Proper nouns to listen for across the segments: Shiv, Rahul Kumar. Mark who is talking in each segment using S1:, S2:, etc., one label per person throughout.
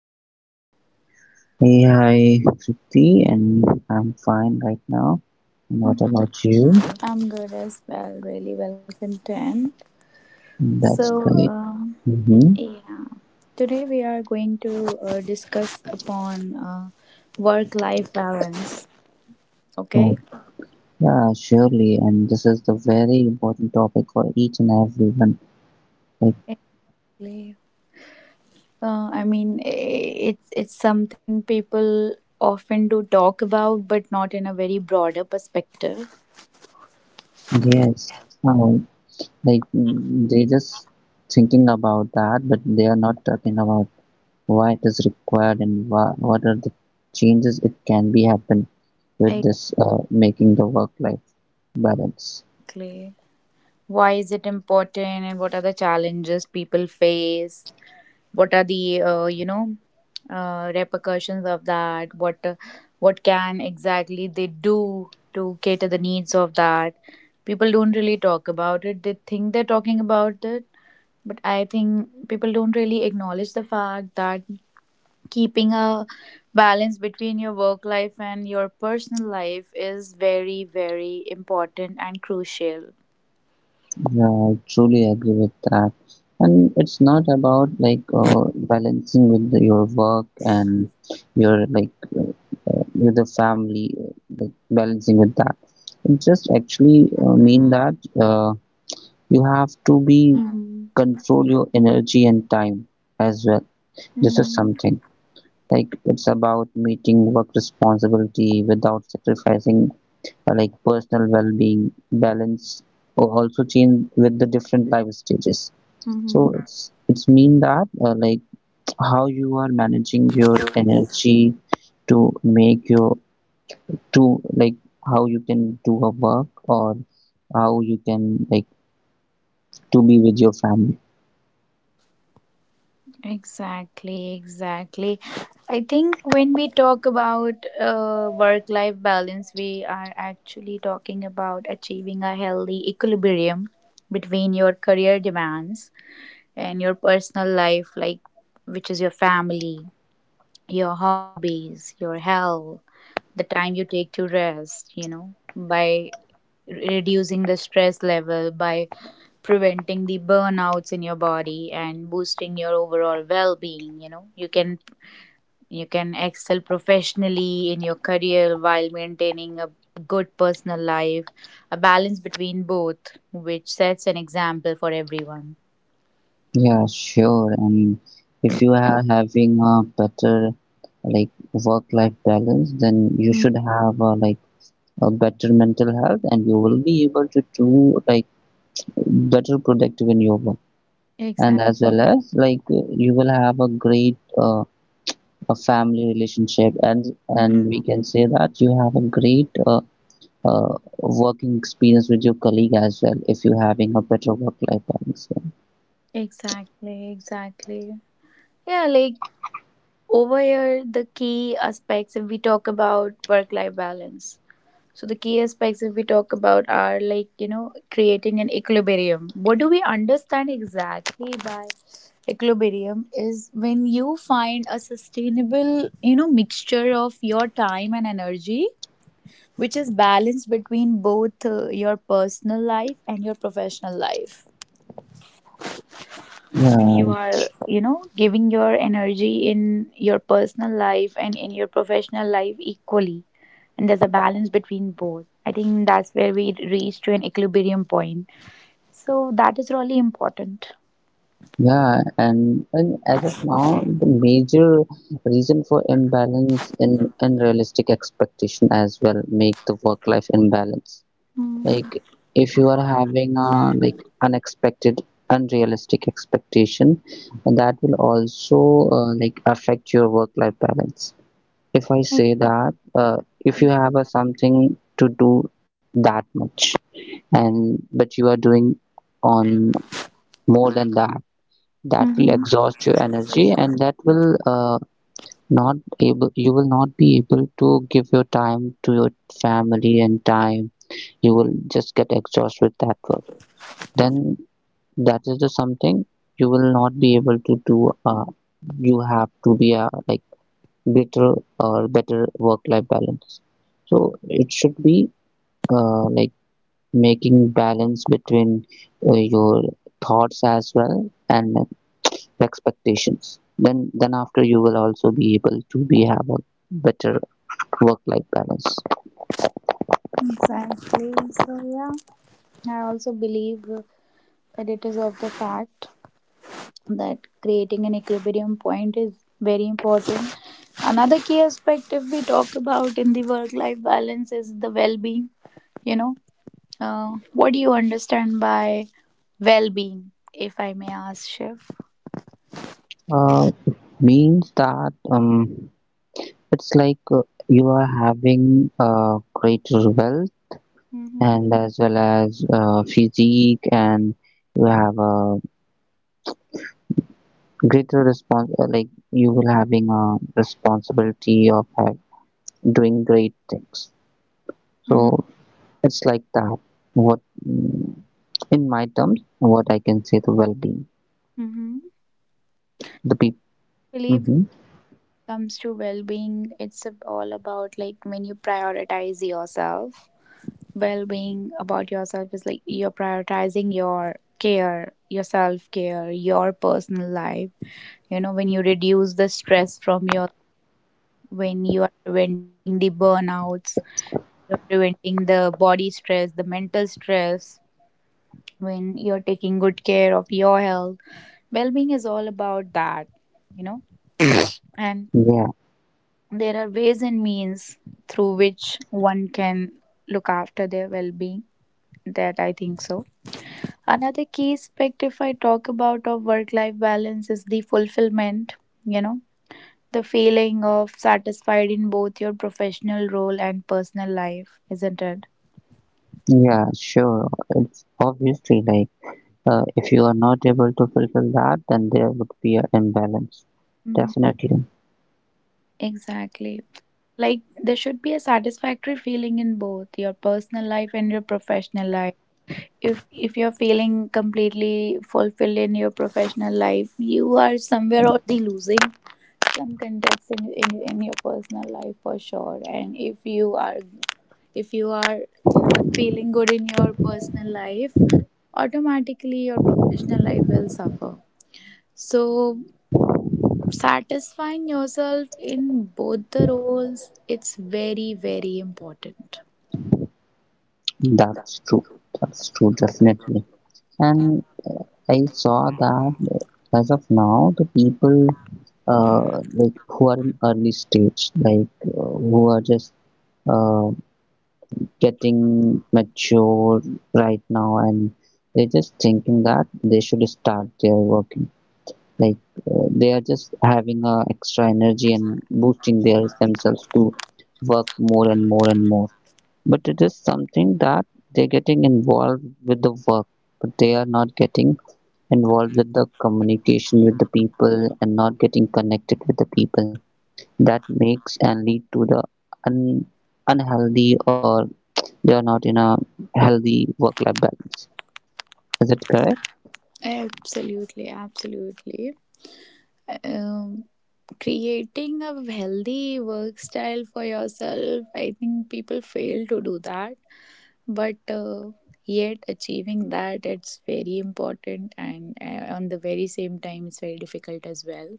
S1: How are you?
S2: Hey, hi, Kriti, and I'm fine right now. And what about you?
S1: I'm good as well. Really well content.
S2: That's
S1: So,
S2: great.
S1: um,
S2: Mm-hmm.
S1: yeah, today we are going to discuss upon work-life balance. Okay.
S2: So, yeah, surely. And this is the very important topic for each and everyone. Like,
S1: Exactly. I mean, it's something people often do talk about, but not in a very broader perspective.
S2: yes, oh, like they just thinking about that, but they are not talking about why it is required and what are the changes it can be happen with this making the work-life balance.
S1: Exactly. Why is it important, and what are the challenges people face? What are the repercussions of that, what can exactly they do to cater the needs of that? People don't really talk about it. They think they're talking about it, but I think people don't really acknowledge the fact that keeping a balance between your work life and your personal life is very important and crucial.
S2: Yeah, I truly agree with that. And it's not about like balancing with your work and your like uh, with the family, like balancing with that. It just actually mean that uh, you have to be
S1: Mm-hmm.
S2: control your energy and time as well. This is something like it's about meeting work responsibility without sacrificing like personal well-being. Balance or also change with the different life stages. So
S1: Mm-hmm.
S2: it's mean that like how you are managing your energy to make your to like how you can do a work or how you can like to be with your family.
S1: Exactly, exactly. I think when we talk about work life balance, we are actually talking about achieving a healthy equilibrium between your career demands and your personal life, like which is your family, your hobbies, your health, the time you take to rest, you know, by reducing the stress level, by preventing the burnouts in your body and boosting your overall well being. You know, you can excel professionally in your career while maintaining a good personal life, a balance between both, which sets an example for everyone.
S2: Yeah, sure. And if you are having a better like work-life balance, then you
S1: Mm.
S2: should have a, like a better mental health, and you will be able to do like better productive in your work, and
S1: Exactly.
S2: as well as like you will have a great a family relationship, and we
S1: Mhm.
S2: can say that you have a great uh, working experience with your colleague as well if you're having a better work life balance.
S1: Exactly. Exactly. Yeah, like over here, the key aspects if we talk about work life balance. So the key aspects if we talk about are like, you know, creating an equilibrium. What do we understand exactly by equilibrium is when you find a sustainable, you know, mixture of your time and energy, which is balanced between both your personal life and your professional life. When
S2: yeah
S1: you are,
S2: it's-
S1: you know, giving your energy in your personal life and in your professional life equally, and there's a balance between both, I think that's where we reach to an equilibrium point. So that is really important.
S2: yeah, and as of now, the major reason for imbalance in unrealistic expectation as well make the work life imbalance. Like if you are having a like unexpected unrealistic expectation, that will also like affect your work life balance. If I say that, uh, if you have a something to do that much, and but you are doing on more than that, that will
S1: Mm-hmm.
S2: exhaust your energy, and that will, uh, not able, you will not be able to give your time to your family and time. You will just get exhausted with that work, then that is the something you will not be able to do. Uh, you have to be a like better or better work life balance. So it should be like making balance between your thoughts as well and expectations. Then after you will also be able to be have a better work life balance.
S1: Exactly. So yeah, I also believe that it is of the fact, that creating an equilibrium point is very important. Another key aspect, if we talk about in the work life balance, is the well being. You know, what do you understand by well being, if I may ask, Shiv?
S2: It means that it's like you are having greater wealth,
S1: Mm-hmm.
S2: and as well as physique, and you have a greater response, like you will having a responsibility of have, doing great things.
S1: Mm-hmm.
S2: So it's like that what, mm, in my terms what I can say, the well-being,
S1: Mm-hmm.
S2: the people.
S1: Believe that
S2: Hmm.
S1: comes to well-being, it's all about, like, when you prioritize yourself. Well-being about yourself is like you're prioritizing your care, your self-care, your personal life. You know, when you reduce the stress from your, when you are preventing the burnouts, you're preventing the body stress, the mental stress, when you're taking good care of your health, well-being is all about that, you know. And
S2: Yeah.
S1: there are ways and means through which one can look after their well-being, that I think so. Another key aspect if I talk about of work life balance is the fulfillment, you know. The feeling of satisfied in both your professional role and personal life, isn't it?
S2: Yeah, sure. It's obviously like if you are not able to fulfill that, then there would be an imbalance,
S1: Mm,
S2: definitely.
S1: exactly. Like, there should be a satisfactory feeling in both your personal life and your professional life. If you're feeling completely fulfilled in your professional life, you are somewhere or the losing some context in your personal life for sure. And if you are not feeling good in your personal life, automatically your professional life will suffer. So satisfying yourself in both the roles, it's very important.
S2: That's true. That's true, definitely. And I saw that, as of now, the people like who are in early stage, like who are just uh, getting mature right now, and they're just thinking that they should start their working. Like they are just having extra energy and boosting their themselves to work more and more and more. But it is something that they're getting involved with the work, but they are not getting involved with the communication with the people and not getting connected with the people, that makes and lead to the un- unhealthy, or they are not in a healthy work life balance. Is it correct?
S1: Absolutely, absolutely. um, Creating a healthy work style for yourself, I think people fail to do that, but yet achieving that, it's very important, and on the very same time it's very difficult as well.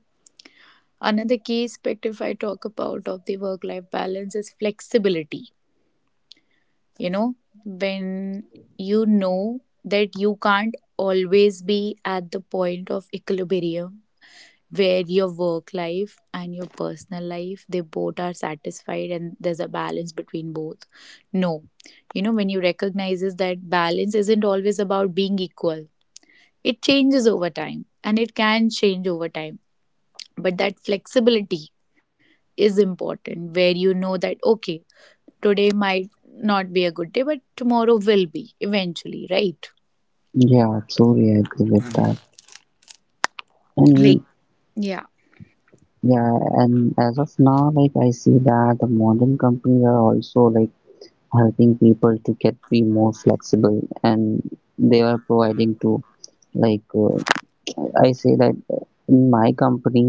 S1: Another key aspect if I talk about of the work life balance is flexibility. You know, when you know that you can't always be at the point of equilibrium where your work life and your personal life, they both are satisfied and there's a balance between both. No, you know, when you recognizes that balance isn't always about being equal, it changes over time and it can change over time. But that flexibility is important, where you know that okay, today might not be a good day but tomorrow will be, eventually, right?
S2: Yeah, absolutely, I agree with that.
S1: Like,
S2: And
S1: yeah.
S2: yeah, and as of now, like I see that the modern companies are also like helping people to get be more flexible, and they are providing to like, I say that in my company,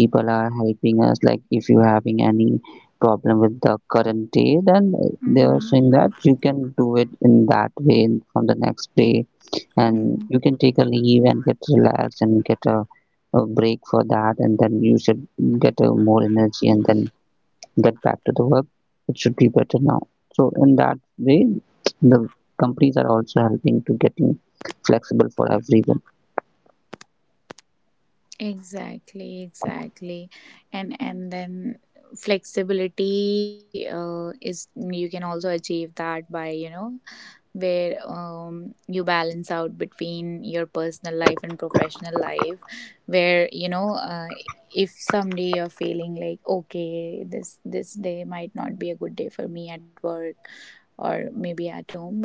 S2: people are helping us. Like if you're having any problem with the current day, then they are
S1: Mm-hmm.
S2: saying that you can do it in that way from the next day, and you can take a leave and get relaxed and get a break for that, and then you should get a more energy and then get back to the work. It should be better now. So in that way, the companies are also helping to getting flexible for everyone.
S1: Exactly, exactly. And then flexibility is you can also achieve that by, you know, where you balance out between your personal life and professional life, where, you know, if someday you're feeling like okay this day might not be a good day for me at work or maybe at home, but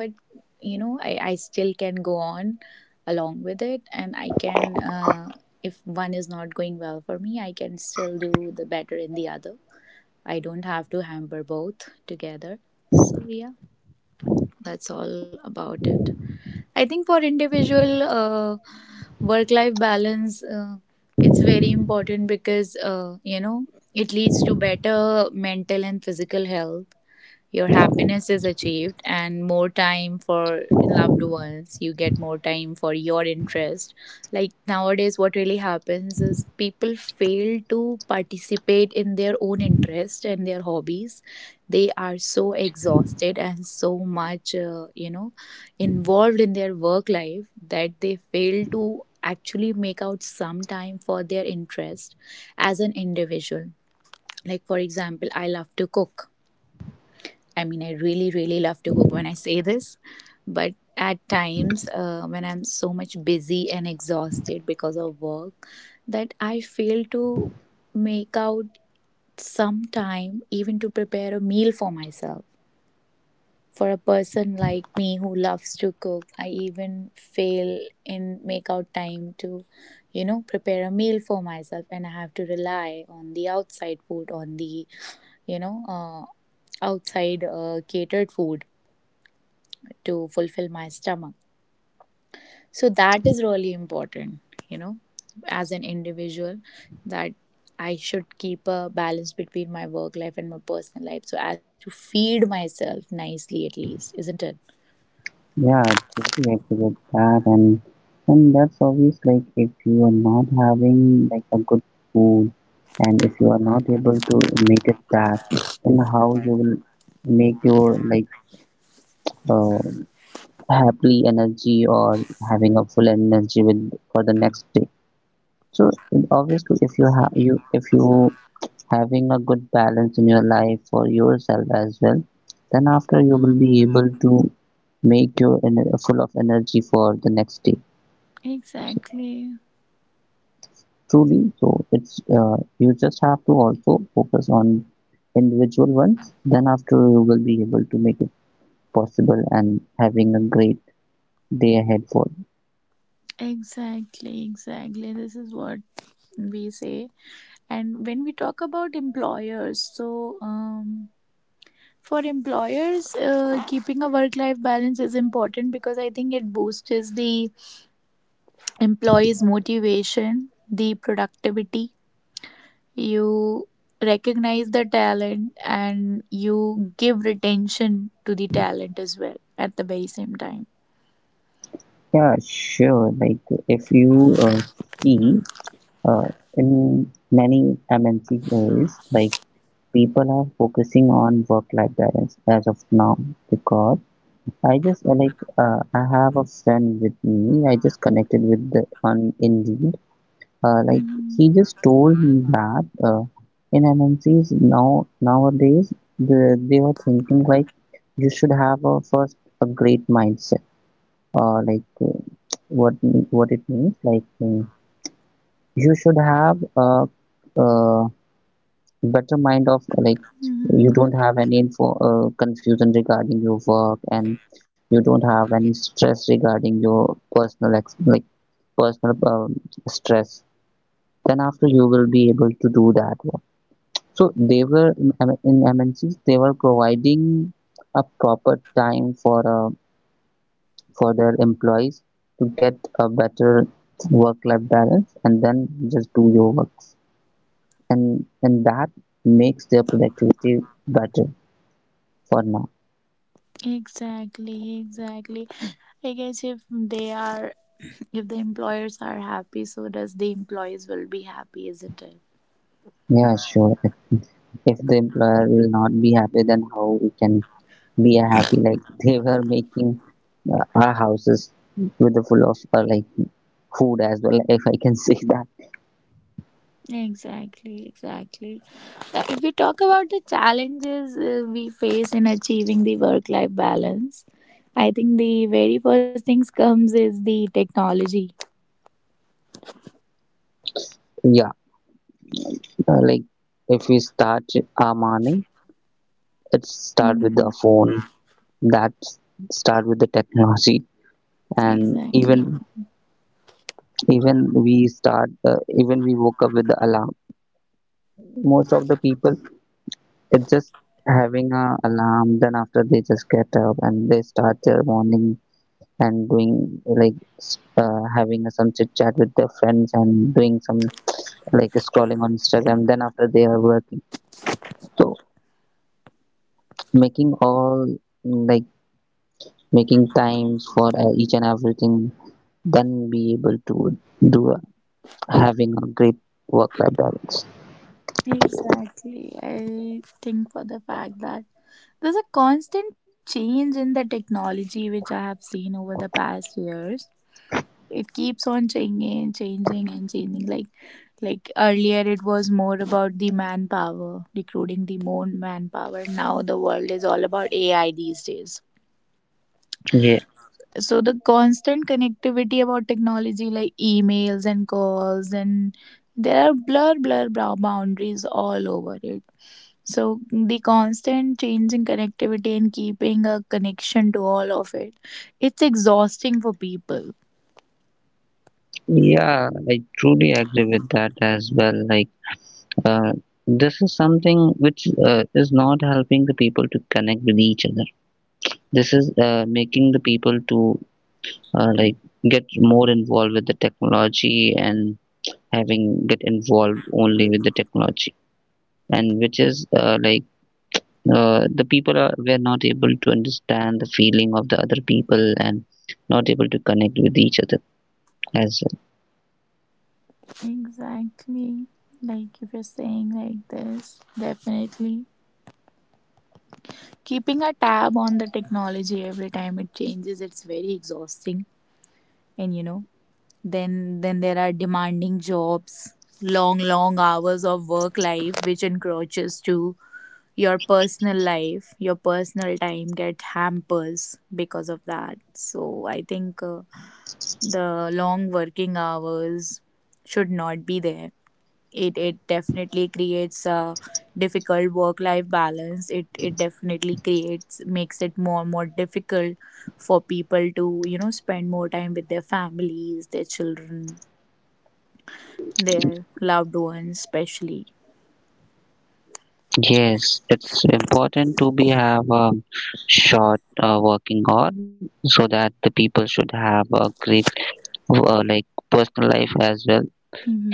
S1: you know I still can go on along with it, and I can, if one is not going well for me, I can still do the better in the other. I don't have to hamper both together. So yeah, that's all about it. I think for individual work life balance, it's very important, because you know, it leads to better mental and physical health, your happiness is achieved, and more time for loved ones. You get more time for your interest. Like nowadays what really happens is people fail to participate in their own interest and their hobbies. They are so exhausted and so much, uh, involved in their work life that they fail to actually make out some time for their interest as an individual. Like, for example, I love to cook. I mean, I really, really love to cook when I say this, but at times when I'm so much busy and exhausted because of work, that I fail to make out some time even to prepare a meal for myself. For a person like me who loves to cook, I even fail in make out time to, you know, prepare a meal for myself, and I have to rely on the outside food, on the, you know, uh, outside catered food to fulfill my stomach. So that is really important, you know, as an individual, that I should keep a balance between my work life and my personal life so as to feed myself nicely at least, isn't it?
S2: Yeah, totally agree with that, and that's always like if you are not having like a good food, and if you are not able to make it that, then how you will make your like uh, happy energy or having a full energy with for the next day. So obviously, if you having a good balance in your life for yourself as well, then after you will be able to make your ener full of energy for the next day.
S1: Exactly,
S2: Truly, so it's you just have to also focus on individual ones. Then after you will be able to make it possible and having a great day ahead for you.
S1: exactly, exactly. This is what we say. And when we talk about employers, so for employers, keeping a work life balance is important because I think it boosts the employees' motivation, the productivity. You recognize the talent and you give retention to the talent as well at the very same time.
S2: Yeah, sure. Like if you see, uh, in many MNC areas, like people are focusing on work-life balance as of now, because I just like I have a friend with me. I just connected with the on Indeed. Like he
S1: Mhm,
S2: just told me that in MNCs now nowadays, they were thinking like you should have a first a great mindset. Like what what it means, like, you should have a, uh better mind of like you
S1: mhm.
S2: don't have any info confusion regarding your work, and you don't have any stress regarding your personal like personal stress, then after you will be able to do that one. So they were in in MNCs they were providing a proper time for their employees to get a better work life balance, and then just do your works, and that makes their productivity better for now.
S1: Exactly, exactly. I guess if they are, if the employers are happy, so does the employees will be happy, isn't it?
S2: Yeah, sure. If the employer will not be happy, then how we can be happy? Like they were making our houses with the full of like food as well, if I can say that.
S1: Exactly, exactly. If we talk about the challenges we face in achieving the work life balance, I think the very first things comes is the technology.
S2: Yeah, like if we start our morning, it's start with
S1: Hmm.
S2: the phone, that start with the technology. And
S1: Exactly.
S2: even we start, even we woke up with the alarm, most of the people, it's just having a alarm, then after they just get up and they start their morning and doing like having some chit chat with their friends and doing some like scrolling on Instagram, then after they are working. So, making all like making times for each and everything, then be able to do having a great work life balance.
S1: Exactly. I think for the fact that there's a constant change in the technology, which I have seen over the past years. It keeps on changing, like earlier it was more about the manpower, recruiting the more manpower. Now the world is all about AI these days.
S2: Yeah,
S1: So the constant connectivity about technology like emails and calls, and there are blur blur brow boundaries all over it. So the constant change in connectivity and keeping a connection to all of it, it's exhausting for people.
S2: yeah, I truly agree with that as well. Like uh, this is something which is not helping the people to connect with each other. This is making the people to like get more involved with the technology and having get involved only with the technology, and which is like the people are, were not able to understand the feeling of the other people and not able to connect with each other as well.
S1: Exactly. Like if you're saying like this, definitely. Keeping a tab on the technology every time it changes, it's very exhausting. And you know, then there are demanding jobs, long hours of work life, which encroaches to your personal life. Your personal time get hampers because of that. So I think the long working hours should not be there. It definitely creates a difficult work life balance. It definitely creates, makes it more difficult for people to, you know, spend more time with their families, their children, their loved ones especially.
S2: Yes, it's important to be have a short working hour, so that the people should have a great like personal life as well,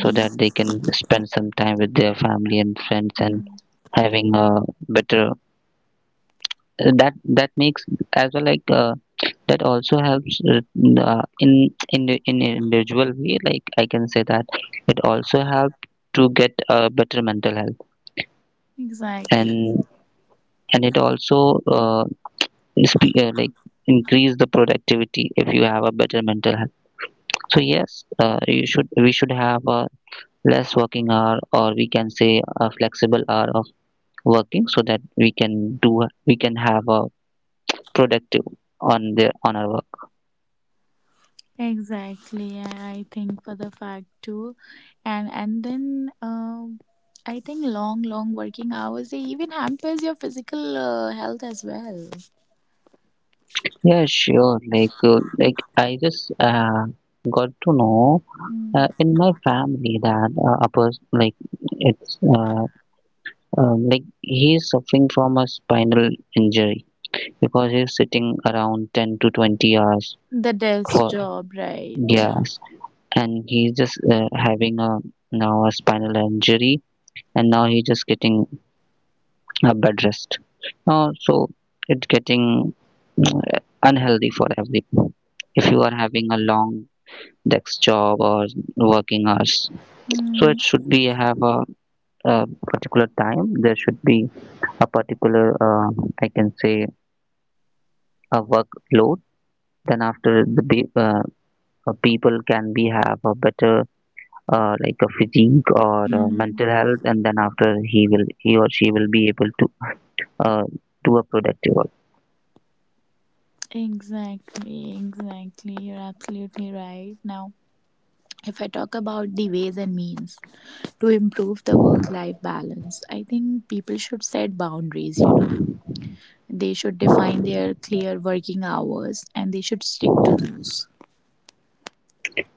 S2: so that they can spend some time with their family and friends and having a better, that that makes as well like that also helps the in in an individual way, like I can say that it also helps to get a better mental health, and
S1: Exactly.
S2: and it also uh, like increase the productivity if you have a better mental health. So yes, you should we should have a less working hour, or we can say a flexible hour of working, so that we can do we can have a productive on our work.
S1: Exactly. I think for the fact too. And then I think long working hours, they even hampers your physical health as well.
S2: Yeah, sure. Like like I just got to know in my family that a person like it's like he's suffering from a spinal injury because he's sitting around 10 to 20 hours
S1: The desk
S2: for
S1: job, right?
S2: years, and he's just having a now a spinal injury, and now he's just getting a bed rest. So it's getting mm, unhealthy for everyone if you are having a long desk job or working hours. So
S1: Hmm.
S2: it should be have a particular time. There should be a particular, I can say, a workload. Then after people can be have a better like a physique or
S1: Hmm.
S2: mental health, and then after he or she will be able to uh, do a productive work.
S1: Exactly, exactly. You're absolutely right. Now, if I talk about the ways and means to improve the work life balance, I think people should set boundaries, you know. They should define their clear working hours and they should stick to those.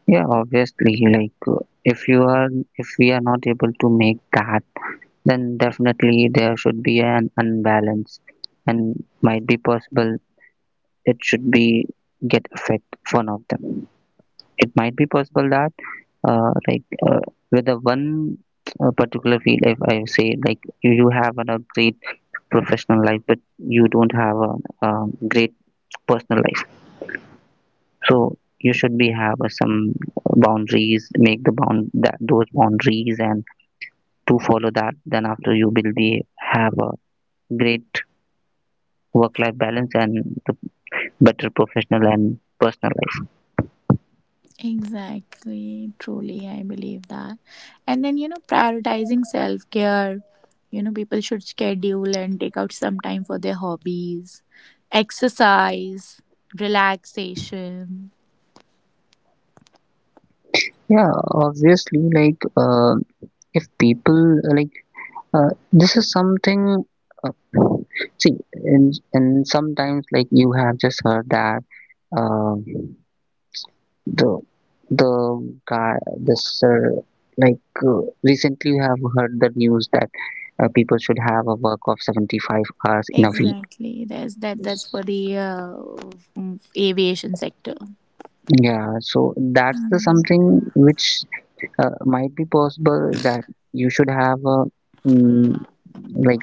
S2: Yeah, obviously, like if we are not able to make that, then definitely there should be an unbalance, and might be possible it should be get affect one of them. It might be possible that like with the one particular field, if I say, like, you have a great professional life, but you don't have um great personal life. So you should be have some boundaries, make the bound that those boundaries and to follow that. Then after you will be have a great work-life balance and the better professional and personal life.
S1: Exactly, truly, I believe that. And then, you know, prioritizing self care. You know, people should schedule and take out some time for their hobbies, exercise, relaxation.
S2: Yeah, obviously, like if people like this is something. Uh, See, and sometimes like you have just heard that um the the guy this like recently you have heard the news that people should have a work of 75 hours in a week.
S1: Exactly, that's that. That's for the aviation sector.
S2: Yeah, so that's the
S1: Mm,
S2: something which might be possible that you should have a, mm, like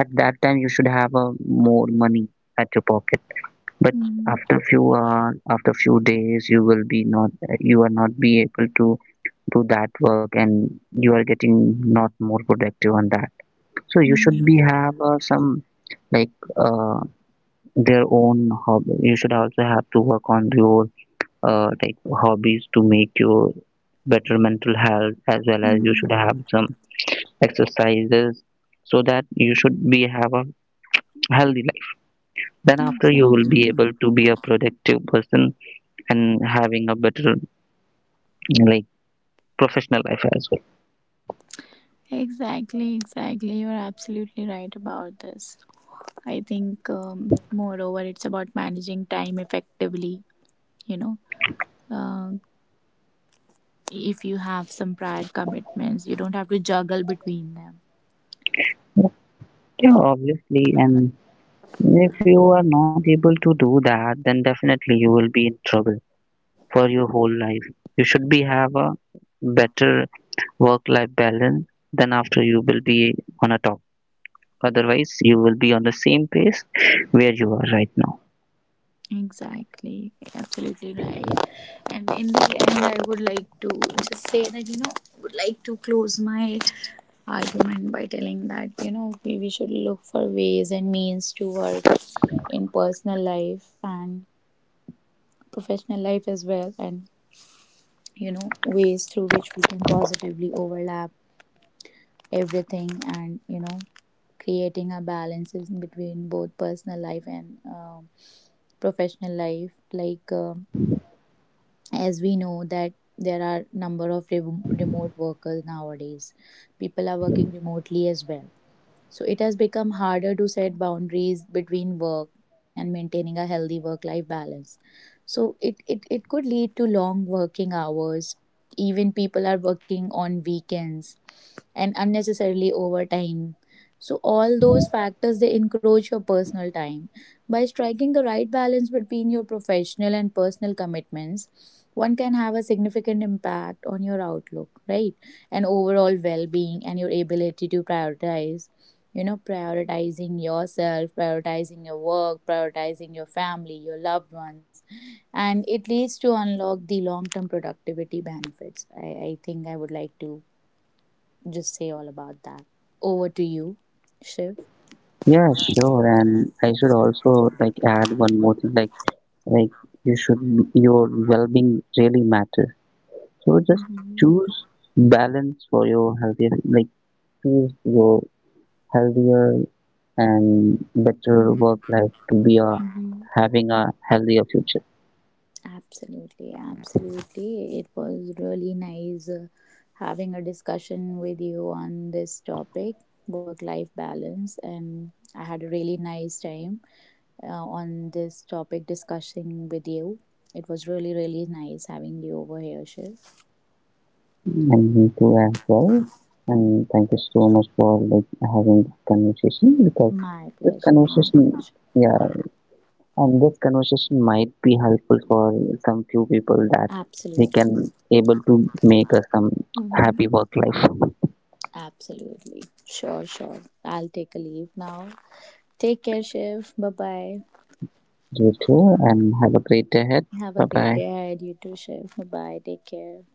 S2: at that time you should have a more money at your pocket, but
S1: mm,
S2: after few days you are not be able to do that work, and you are getting not more productive on that. So you should be
S1: mm,
S2: have some like uh, their own hobby. You should also have to work on your like hobbies to make your better mental health, as well as you should
S1: mm.
S2: have some exercises, so that you should be have a healthy life. Then after you will be
S1: Exactly,
S2: able to be a productive person and having a better like professional life as
S1: exactly, exactly. You're absolutely right about this. I think, moreover, it's about managing time effectively. You know, uh, if you have some prior commitments, you don't have to juggle between them.
S2: well. Yeah, obviously, and if you are not able to do that, then definitely you will be in trouble for your whole life. You should be have a better work life balance. Then after you will be on a top, otherwise you will be on the same pace where you are right now.
S1: Exactly, absolutely right. And in the end, I would like to just say that, you know, would like to close my argument by telling that, you know, we should look for ways and means to work in personal life and professional life as well, and you know, ways through which we can positively overlap everything, and you know, creating a balance is between both personal life and professional life. Like um, as we know that there are number of remote workers nowadays, people are working remotely as well. So it has become harder to set boundaries between work and maintaining a healthy work life balance. So it could lead to long working hours. Even people are working on weekends and unnecessarily overtime. So all those factors, they encroach your personal time. By striking the right balance between your professional and personal commitments, one can have a significant impact on your outlook, right? And overall well being, and your ability to prioritize, you know, prioritizing yourself, prioritizing your work, prioritizing your family, your loved ones. And it leads to unlock the long term productivity benefits. I think I would like to just say all about that. Over to you, Shiv.
S2: Yeah, sure. And I should also like add one more thing. Like you should your well-being really matters. So just
S1: Mm-hmm.
S2: choose balance for your healthier. Like choose your healthier and better work life to be a
S1: Mm-hmm.
S2: having a healthier future.
S1: Absolutely, absolutely. It was really nice having a discussion with you on this topic, work life balance, and I had a really nice time on this topic discussing with you. It was really, really nice having you over here, Shiv.
S2: And me too as well. And thank you so much for like having this conversation, because
S1: My
S2: this
S1: pleasure, my
S2: conversation,
S1: pleasure.
S2: yeah. And this conversation might be helpful for some few people that they
S1: Absolutely.
S2: can able to make some happy
S1: Mm-hmm.
S2: work life.
S1: Absolutely. Sure. I'll take a leave now. Take care, Shiv. Bye bye.
S2: You too, and have a great day ahead.
S1: Have
S2: Bye
S1: a great
S2: bye.
S1: day ahead. You too, Shiv. Bye bye. Take care.